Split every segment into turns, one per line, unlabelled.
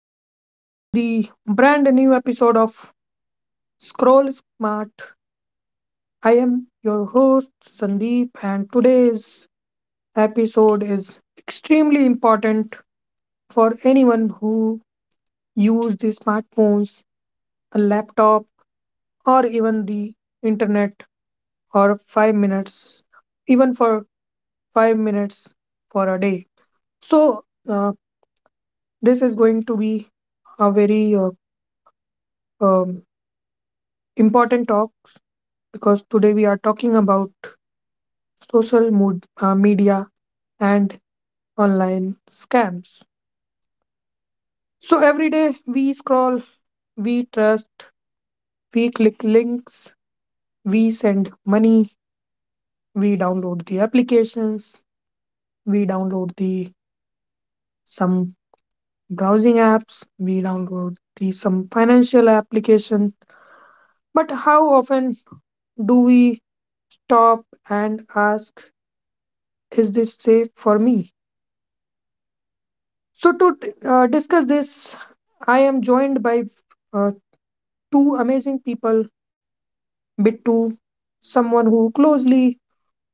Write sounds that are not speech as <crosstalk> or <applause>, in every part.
welcome to the brand new episode of Scroll Smart. I am your host Sandeep, and today's episode is extremely important for anyone who uses the smartphones, a laptop, or even the internet or 5 minutes, even for 5 minutes for a day. So uh, this is going to be a very um, important talk. Because today we are talking about social media and online scams. So every day we scroll, we trust, we click links, we send money, we download the applications, we download the some browsing apps, we download the some financial application. But how often do we stop and ask, is this safe for me? So, to discuss this, I am joined by uh, two amazing people, Bittu, someone who closely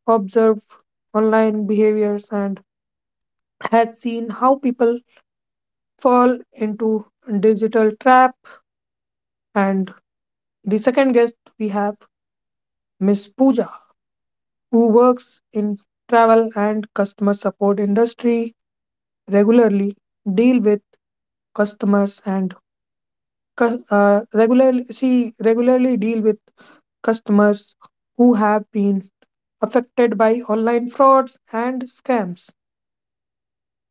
observes online behaviors and has seen how people fall into digital trap, and the second guest we have, Miss Pooja, who works in travel and customer support industry, regularly deal with customers and regularly she regularly deal with customers who have been affected by online frauds and scams.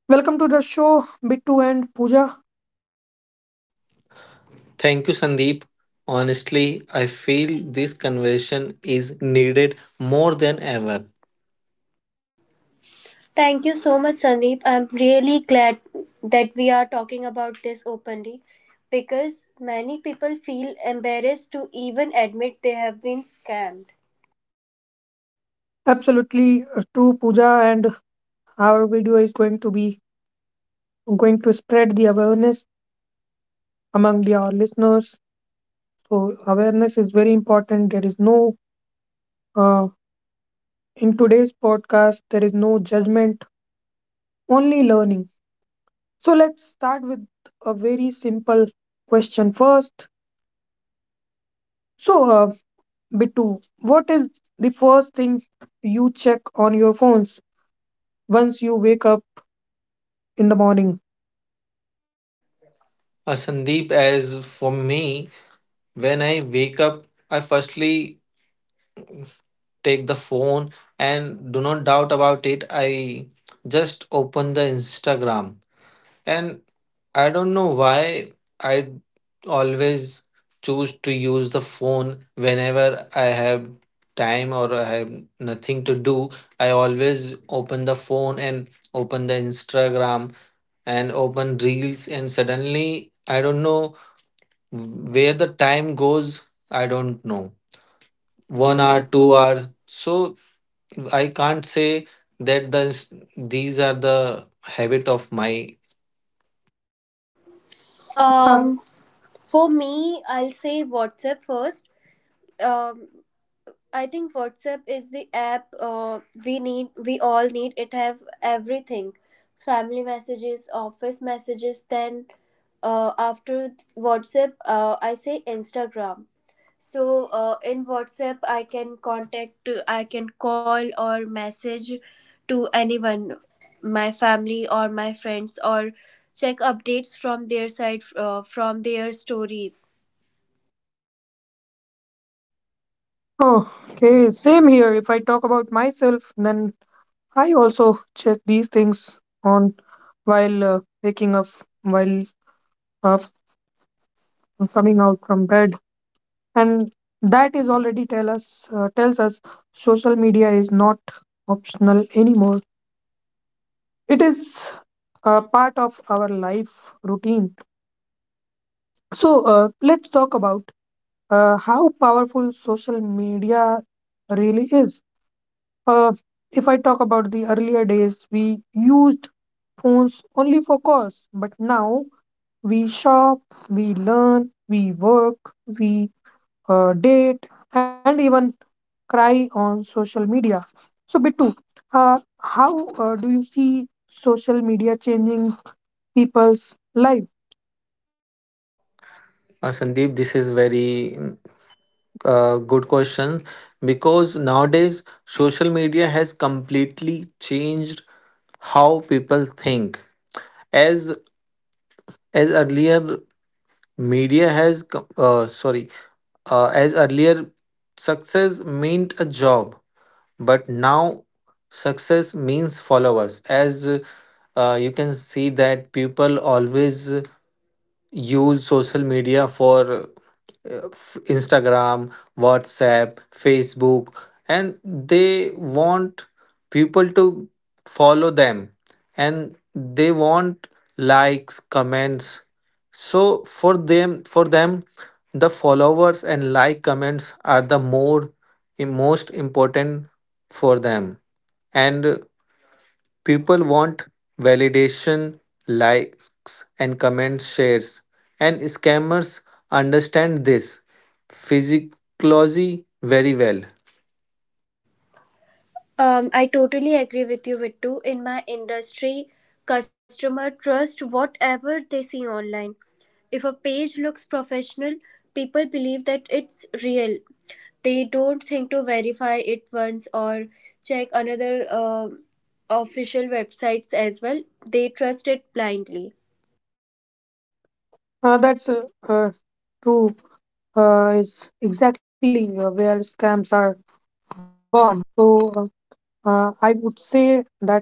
Welcome to the show, Bittu and Pooja.
Thank you, Sandeep. Honestly, I feel this conversation is needed more than ever.
Thank you so much, Sandeep. I'm really glad that we are talking about this openly because many people feel embarrassed to even admit they have been scammed.
Absolutely true, Pooja, and our video is going to spread the awareness among the our listeners. So awareness is very important. There is no uh, in today's podcast there is no judgment, only learning. So let's start with a very simple question first. So, Bittu, what is the first thing you check on your phones once you wake up in the morning?
Sandeep, as for me, when I wake up, I firstly take the phone and do not doubt about it. I just open the Instagram. And I don't know why I always choose to use the phone whenever I have time or I have nothing to do. I always open the phone and open the Instagram and open reels, and suddenly I don't know where the time goes. I don't know. One
One or
hour, two
two hour.
hour. So I can't say that these are the habit of my.
Uh,
Um, for me, I'll say WhatsApp first. Um, I think WhatsApp is the app we need. We all need. It have everything, family messages, office messages. Then after WhatsApp, I say Instagram. So in WhatsApp, I can contact. I can call or message to anyone, my family or my friends, or check updates from their side, from their stories.
oh, okay, same here. If I talk about myself, then I also check these things on while waking up, while uh, coming out from bed. And that is already tells us social media is not optional anymore. It is a part of our life routine. So let's talk about how powerful social media really is. Uh, if i talk about the earlier days, we used phones only for calls, but now we shop, we learn, we work, we date, and even cry on social media. So, Bittu, how do you see social media changing people's life?
Sandeep, this is very good question, because nowadays social media has completely changed how people think. As as earlier media has co- sorry as earlier, success meant a job, but now success means followers. As you can see, that people always use social media for Instagram, WhatsApp, Facebook, and they want people to follow them, and they want likes, comments. So for them the followers and like comments are the more most important for them. And people want validation, likes, and comment shares. And scammers understand this physiology very well.
I totally agree with you, Vittu. In my industry, customer trust whatever they see online. If a page looks professional, people believe that it's real. They don't think to verify it once or check another um official websites as well. They trust it blindly.
That's uh, true. It's exactly where scams are born. So, I would say that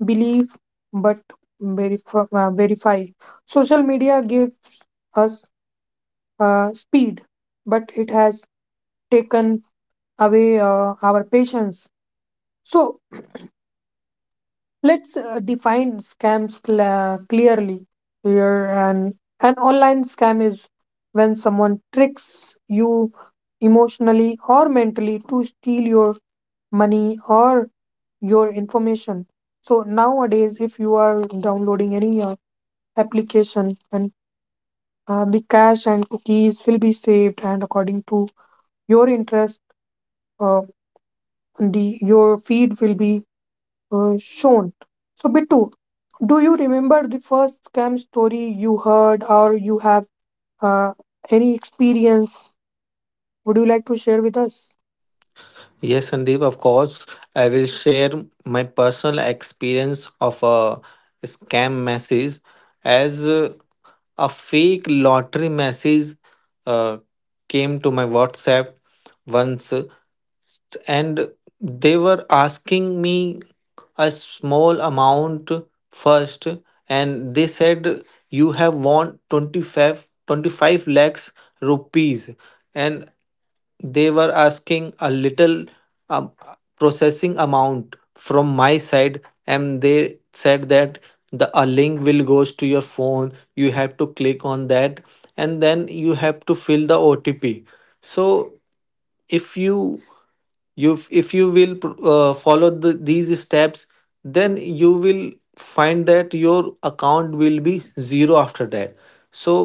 believe but verify. Social media gives us speed, but it has taken away our patience. So, let's define scams cla clearly here. And an online scam is when someone tricks you emotionally or mentally to steal your money or your information. So nowadays, if you are downloading any application and the cash and cookies will be saved, and according to your interest, uh, the your feed will be shown. So, Bittu, do you remember the first scam story you heard, or you have uh, any experience? Would you like to share with us?
Yes, Sandeep, of course. I will share my personal experience of a scam message, as a fake lottery message uh, came to my WhatsApp once. And they were asking me a small amount first, and they said you have won 25 25 lakhs rupees, and they were asking a little um, processing amount from my side. And they said that the a link will goes to your phone, you have to click on that, and then you have to fill the OTP. So if you if you will follow these steps, then you will find that your account will be zero after that. So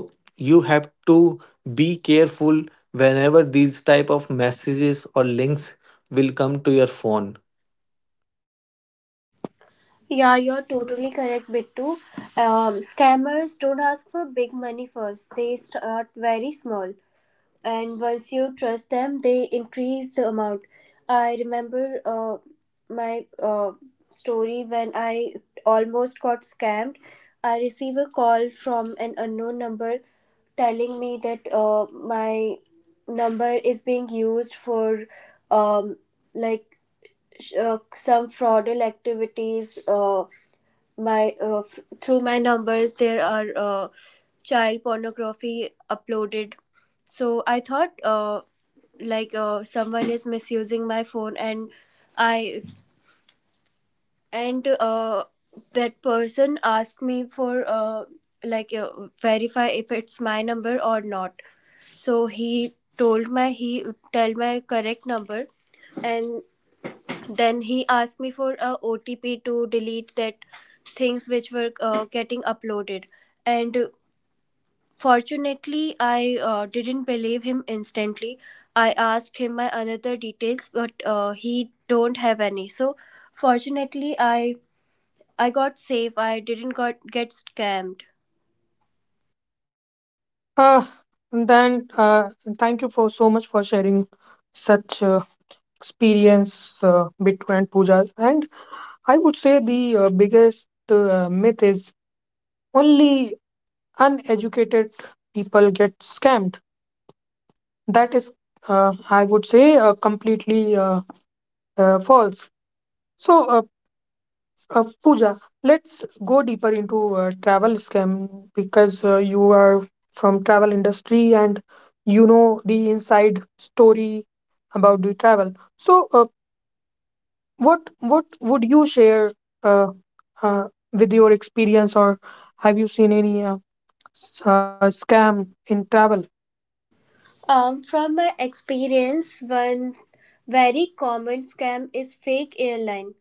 you have to be careful whenever these type of messages or links will come to your phone.
Yeah, you're totally correct, Bittu. Scammers don't ask for big money first. They start very small. And once you trust them, they increase the amount. I remember, my story when I almost got scammed. I receive a call from an unknown number telling me that my number is being used for um, like some fraudulent activities, my through my numbers there are child pornography uploaded. So I thought, like someone is misusing my phone, i and that person asked me for, like, verify if it's my number or not. So he tell my correct number. And then he asked me for a OTP to delete that things which were getting uploaded. And fortunately, I didn't believe him instantly. I asked him my another details, but he don't have any. So, fortunately, I got safe. I didn't got get scammed.
Uh, and then, thank you for so much for sharing such experience, Bittu and Pooja. And I would say the biggest myth is only uneducated people get scammed. That is, I would say, completely false. So, Pooja, let's go deeper into travel scam because you are from travel industry and you know the inside story about the travel. So, what would you share uh, uh, with your experience, or have you seen any scam in travel?
From my experience, one very common scam is fake airline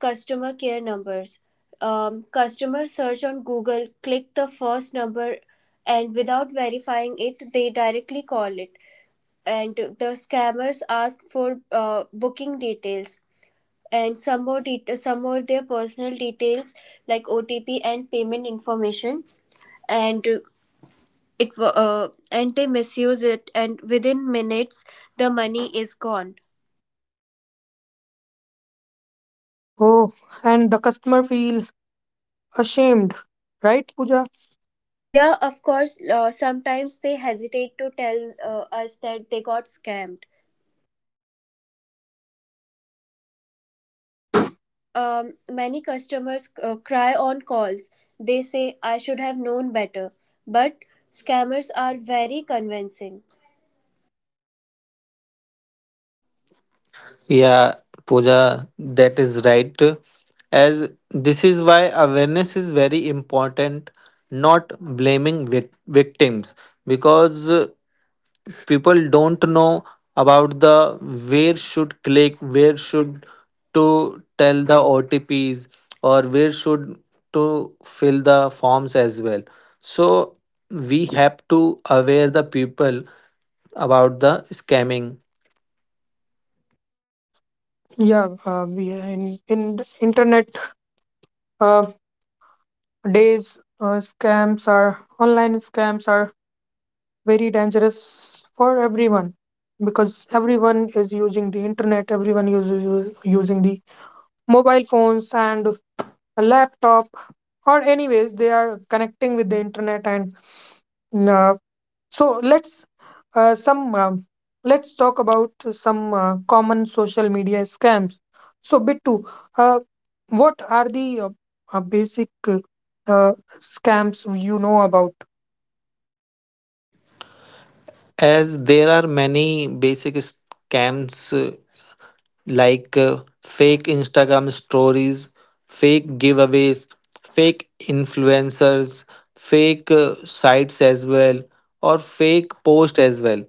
customer care numbers. Customer search on Google, click the first number, and without verifying it, they directly call it. And the scammers ask for booking details and some more their personal details like OTP and payment information. And and they misuse it, and within minutes the money is gone.
Oh, and the customer feel ashamed, right, Pooja?
Yeah, of course, sometimes they hesitate to tell us that they got scammed. Many customers cry on calls. They say, I should have known better. But scammers are very convincing.
Yeah, Pooja, that is right. As this is why awareness is very important, not blaming victims, because people don't know about the where should click, where should to tell the OTPs, or where should to fill the forms as well. So we have to aware the people about the scamming.
Yeah, we in the internet. Uh, Days, scams are online scams are very dangerous for everyone because everyone is using the internet, everyone is using the mobile phones and a laptop, or anyways, they are connecting with the internet. And uh, so uh, some um, let's talk about some common social media scams. So, Bittu, uh, what are the basic uh, scams you know about?
As there are many basic scams, like fake Instagram stories, fake giveaways, fake influencers, fake sites as well, or fake post as well.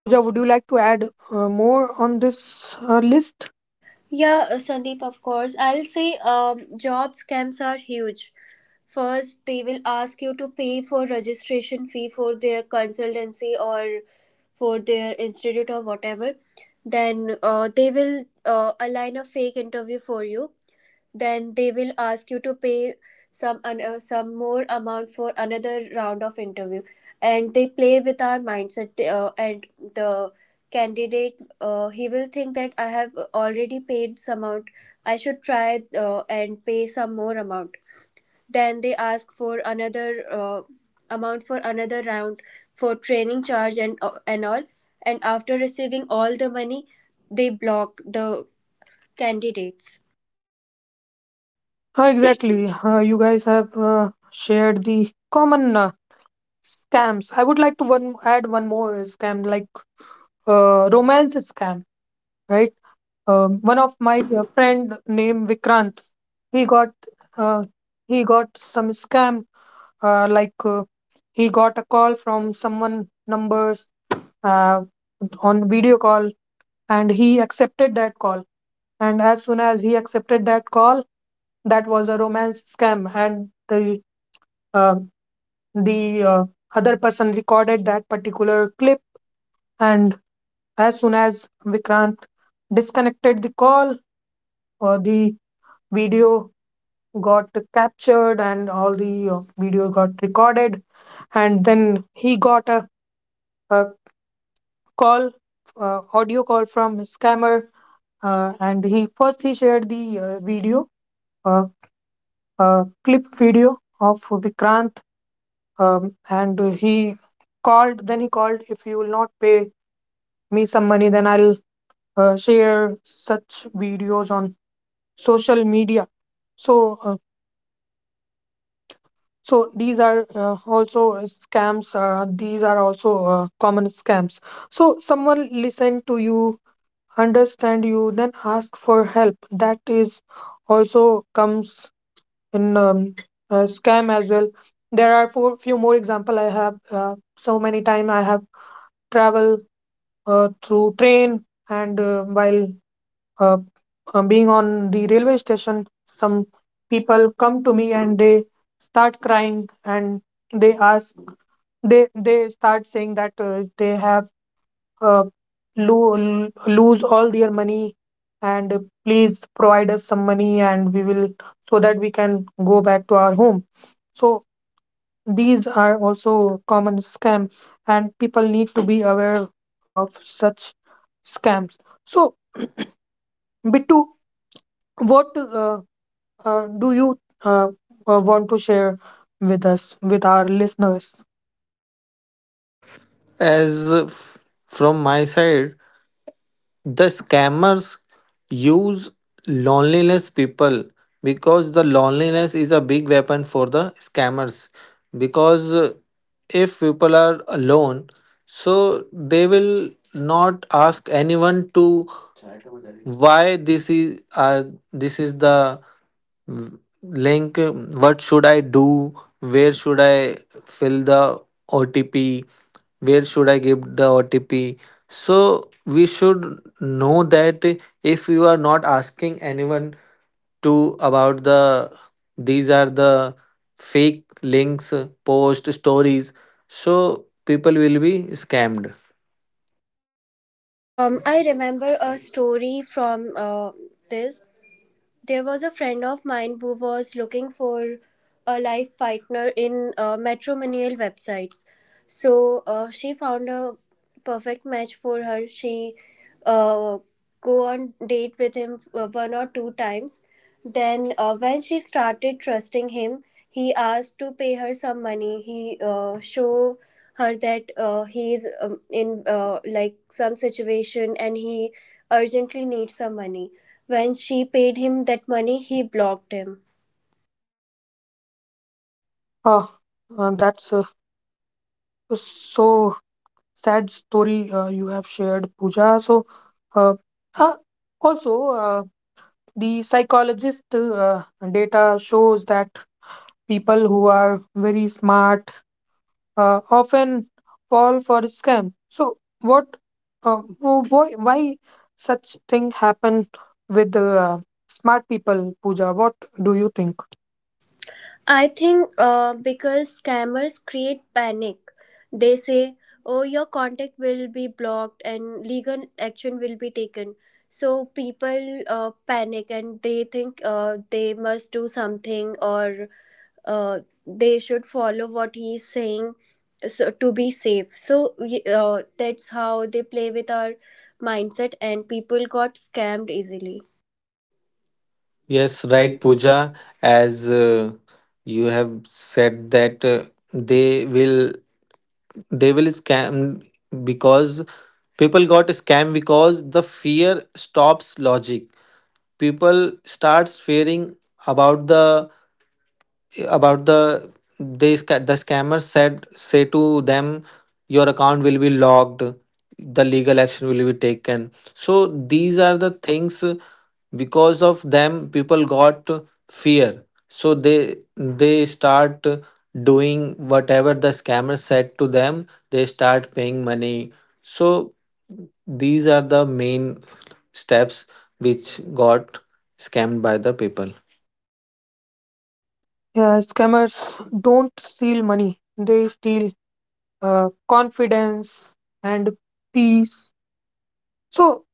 Pooja, would you like to add more on this list?
Yeah, Sandeep, of course. I'll say job scams are huge. First, they will ask you to pay for registration fee for their consultancy or for their institute or whatever. Then they will align a fake interview for you. Then they will ask you to pay some more amount for another round of interview. And they play with our mindset. And the candidate, he will think that I have already paid some amount. I should try and pay some more amount. Then they ask for another amount for another round, for training charge, and all. And after receiving all the money, they block the candidates.
Exactly. You guys have shared the common scams. I would like to one add one more scam, like romance scam, right? One of my friend named Vikrant, he got uh, he got some scam, like he got a call from someone numbers uh, on video call, and he accepted that call. And as soon as he accepted that call, that was a romance scam, and uh, the other person recorded that particular clip. And as soon as Vikrant disconnected the call, or the video got captured, and all the video got recorded, and then he got a call audio call from scammer. And he first he shared the video uh, clip video of Vikrant. And He called. Then he called, if you will not pay me some money, then I'll share such videos on social media. So, uh, so these are also scams. These are also common scams. So someone listen to you, understand you, then ask for help. That is also comes in scam as well. There are four few more example I have. So many time I have travel through train, and while uh, being on the railway station, some people come to me, and they start crying, and they ask they start saying that they have uh, lose all their money, and please provide us some money, and we will so that we can go back to our home. So these are also common scam, and people need to be aware of such scams. So, Bittu, what do you uh, want to share with us, with our listeners?
As from my side, the scammers use loneliness people, because the loneliness is a big weapon for the scammers, because if people are alone, so they will not ask anyone to why this is, this is the link. What should I do? Where should I fill the OTP? Where should I give the OTP? So we should know that if you are not asking anyone to about the, these are the fake links, post stories, so people will be scammed.
I remember a story from this. There was a friend of mine who was looking for a life partner in matrimonial websites. So she found a perfect match for her. She uh, go on date with him one or two times. Then when she started trusting him, he asked to pay her some money. He show her that he is in like some situation, and he urgently needs some money. When she paid him that money, he blocked him.
Uh, that's so sad story you have shared, Pooja. So, uh, uh, also, the psychologist data shows that people who are very smart often fall for a scam. So what, why such thing happen with the smart people, Pooja? What do you think?
I think because scammers create panic. They say, oh, your contact will be blocked and legal action will be taken. So people panic, and they think they must do something, or uh, they should follow what he is saying, so to be safe. That's how they play with our mindset and people got scammed easily.
Yes,
Yes,
right,
right, Pooja.
Pooja. As you have said that they will they will scam, because people got scam because the fear stops logic. People starts fearing about the, the scammers said say to them your account will be locked, the legal action will be taken. So these are the things, because of them people got fear, so they start doing whatever the scammer said to them, they start paying money. So these are the main steps which got scammed by the people.
Yeah, scammers don't steal money. They steal confidence and peace. So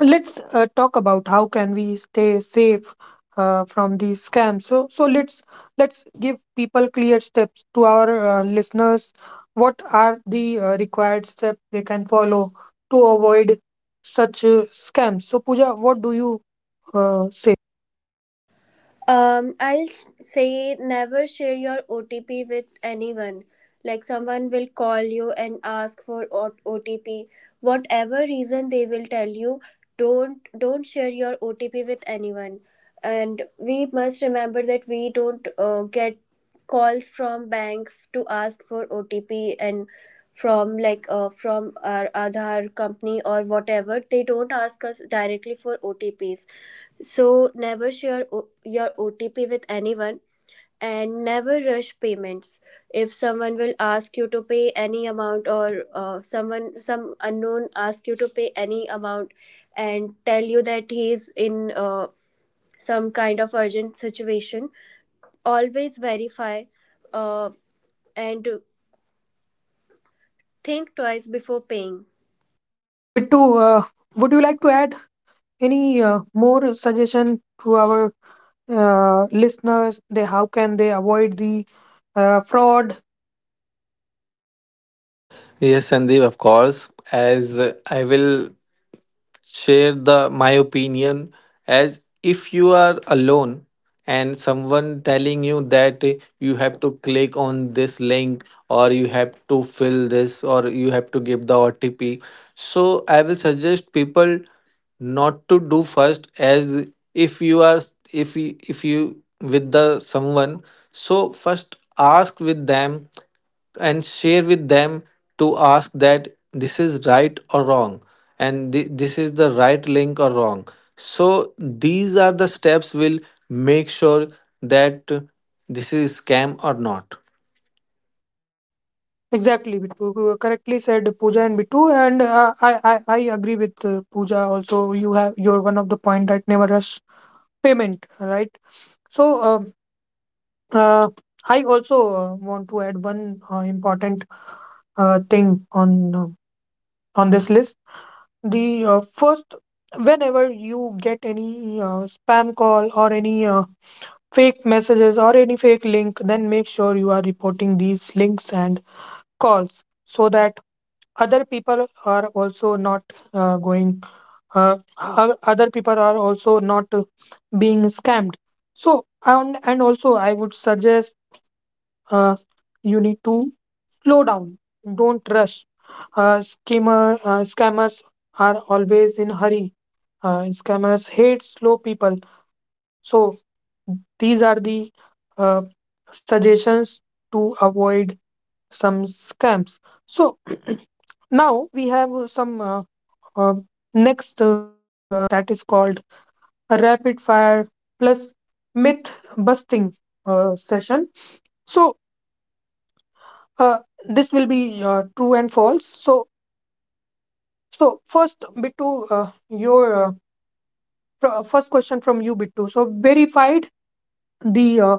let's talk about how can we stay safe from these scams. So let's give people clear steps to our listeners. What are the required steps they can follow to avoid such scams? So, Pooja, what do you say?
Um, I'll s- say never share your OTP with anyone. Like someone will call you and ask for OTP. Whatever reason they will tell you, don't share your OTP with anyone. And we must remember that we don't get calls from banks to ask for OTP, and from our Aadhaar company or whatever. They don't ask us directly for OTPs, so never share your OTP with anyone, and never rush payments. If someone will ask you to pay any amount, or someone, some unknown ask you to pay any amount and tell you that he is in some kind of urgent situation, always verify, uh, and think twice before paying.
So, Bittu, would you like to add any more suggestion to our listeners, they how can they avoid the fraud?
Yes, Sandeep, of course. As I will share the my opinion. As if you are alone and someone telling you that you have to click on this link, or you have to fill this, or you have to give the OTP. So I will suggest people not to do first. As if you are, if you with the someone, so first ask with them, and share with them, to ask that this is right or wrong, and this is the right link or wrong. So these are the steps will make sure that this is scam or not.
Exactly, Bittu. You correctly said, Pooja and Bittu. And I agree with Pooja also. You're one of the point that never rush payment, right? So uh, I also want to add one important thing on this list. The First, whenever you get any spam call or any fake messages or any fake link, then make sure you are reporting these links and calls so that other people are also not going uh, o- other people are also not being scammed. So and also I would suggest uh, you need to slow down. Don't rush. Scammers are always in hurry. Scammers hate slow people. So these are the uh, suggestions to avoid some scams. So <clears throat> now we have some uh, next segment that is called a rapid fire plus myth busting session. So uh, this will be true and false. So first, Bittu, your first question from you, Bittu. So verified the.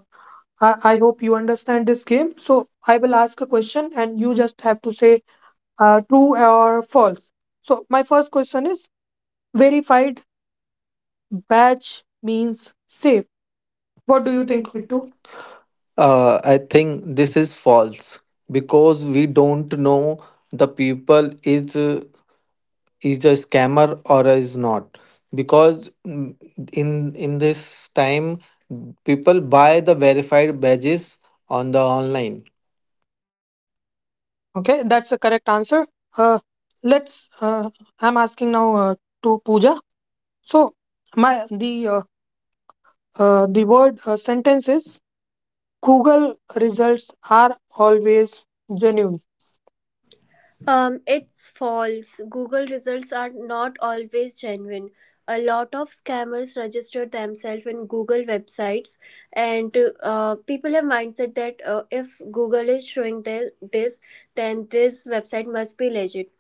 I hope you understand this game. So I will ask a question, and you just have to say true or false. So my first question is verified badge means safe. What do you think, Bittu?
I think this is false, because we don't know the people is, is a scammer or is not, because, in this time, people buy the verified badges on the online.
Okay, that's the correct answer. Uh, let's. I'm asking now to Pooja. So my the word sentence is Google results are always genuine.
It's false. Google results are not always genuine. A lot of scammers register themselves in Google websites, and people have mindset that if Google is showing this, then this website must be legit.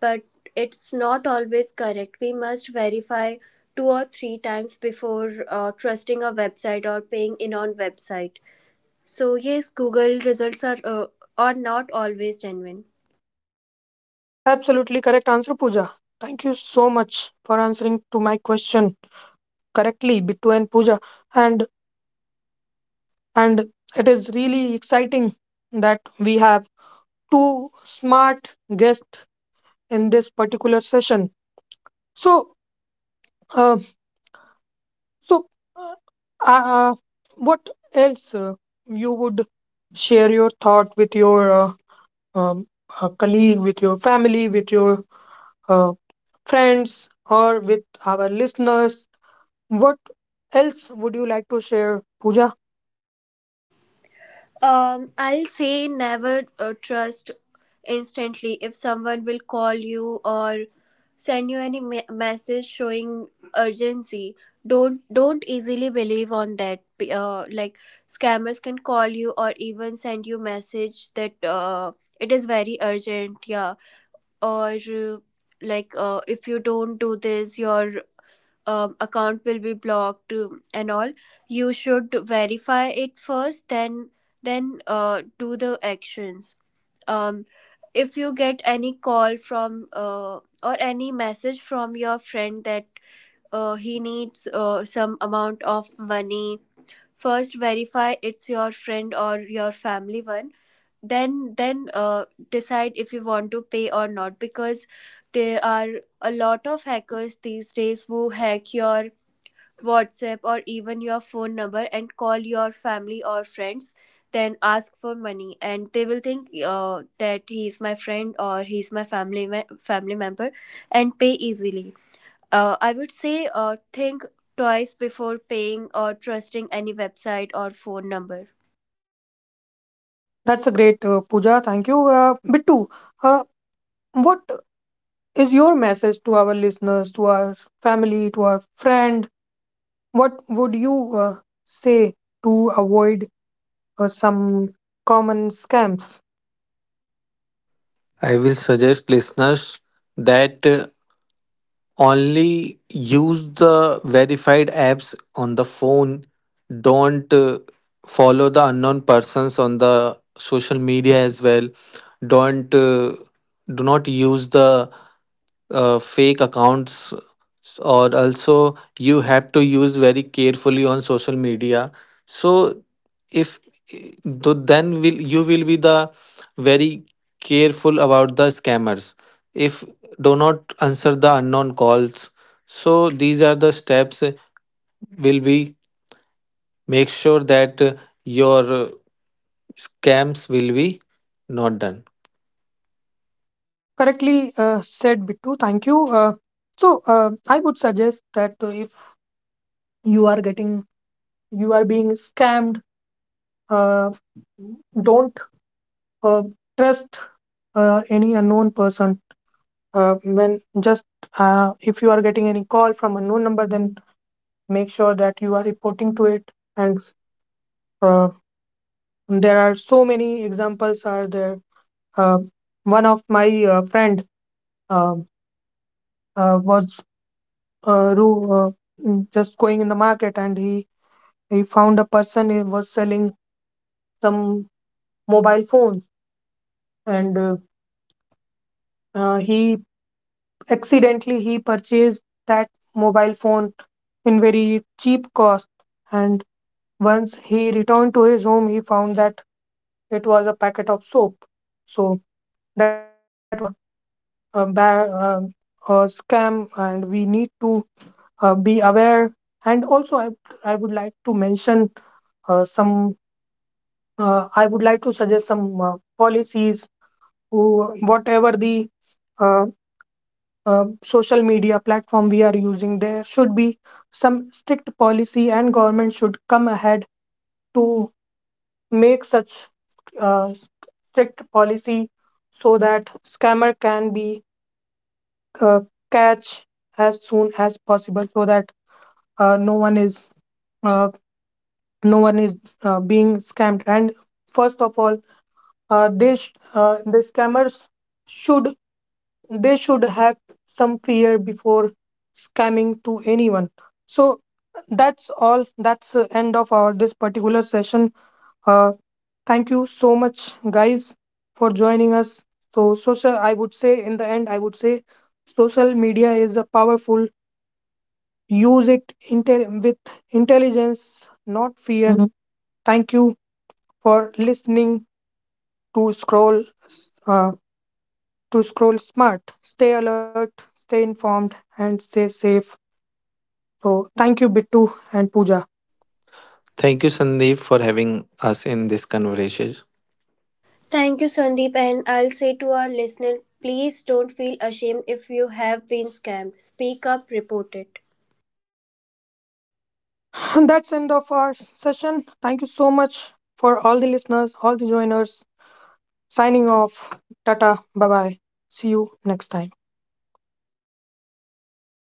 But it's not always correct. We must verify two or three times before trusting a website or paying in on website. So yes, Google results are not always genuine.
Absolutely correct answer, Pooja. Thank you so much for answering to my question correctly, Bittu and Pooja. And and it is really exciting that we have two smart guests in this particular session. So. uh, So, uh, uh, what else you would share your thought with your um, colleague, with your family, with your uh, friends, or with our listeners? What else would you like to share, Pooja?
I'll say never trust instantly if someone will call you or send you any message showing urgency. Don't easily believe on that. Like scammers can call you or even send you message that it is very urgent. Yeah, or like if you don't do this, your account will be blocked, and all. You should verify it first, then do the actions. um, if you get any call from, or any message from your friend that he needs some amount of money, first verify it's your friend or your family one, then decide if you want to pay or not, because there are a lot of hackers these days who hack your WhatsApp or even your phone number and call your family or friends, then ask for money, and they will think that he's my friend or he's my family member, and pay easily. I would say think twice before paying or trusting any website or phone number.
That's a great Pooja. Thank you, Bittu. Uh, what is your message to our listeners, to our family, to our friend? What would you say to avoid some common scams?
I will suggest listeners that only use the verified apps on the phone. Don't follow the unknown persons on the social media as well. Don't do not use the fake accounts, or also you have to use very carefully on social media. So if though then will you will be the very careful about the scammers, if do not answer the unknown calls, so these are the steps will be make sure that your scams will be not done.
Correctly said, Bittu. Thank you. Uh, so uh, I would suggest that if you are getting you are being scammed, uh, don't uh, trust any unknown person. When just If you are getting any call from unknown number, then make sure that you are reporting to it. And uh, there are so many examples are there. uh, One of my friend uh, was uh, ru- uh, just going in the market, and he found a person who was selling some mobile phones, and he accidentally he purchased that mobile phone in very cheap cost. And once he returned to his home, he found that it was a packet of soap. So that was also a, ba- um, a scam, and we need to be aware. And also, I would like to mention some. I would like to suggest some policies. Whatever the uh, social media platform we are using, there should be some strict policy, and government should come ahead to make such uh, strict policy, so that scammer can be uh, catch as soon as possible, so that uh, no one is uh, no one is being scammed. And first of all, the scammers should they should have some fear before scamming to anyone. So that's the end of our this particular session. uh, Thank you so much guys for joining us. So social I would say in the end, I would say social media is a powerful. Use it, intel with intelligence, not fear. Mhm. Thank you for listening to uh, Scroll Smart. Stay alert, stay informed, and stay safe. So thank you, Bittu and Pooja.
Thank you, Sandeep, for having us in this conversation.
Thank you, Sandeep. And I'll say to our listener, please don't feel ashamed if you have been scammed. Speak up, report it.
<laughs> And that's end of our session. Thank you so much for all the listeners, all the joiners. Signing off. Tata. Bye bye. See you next time.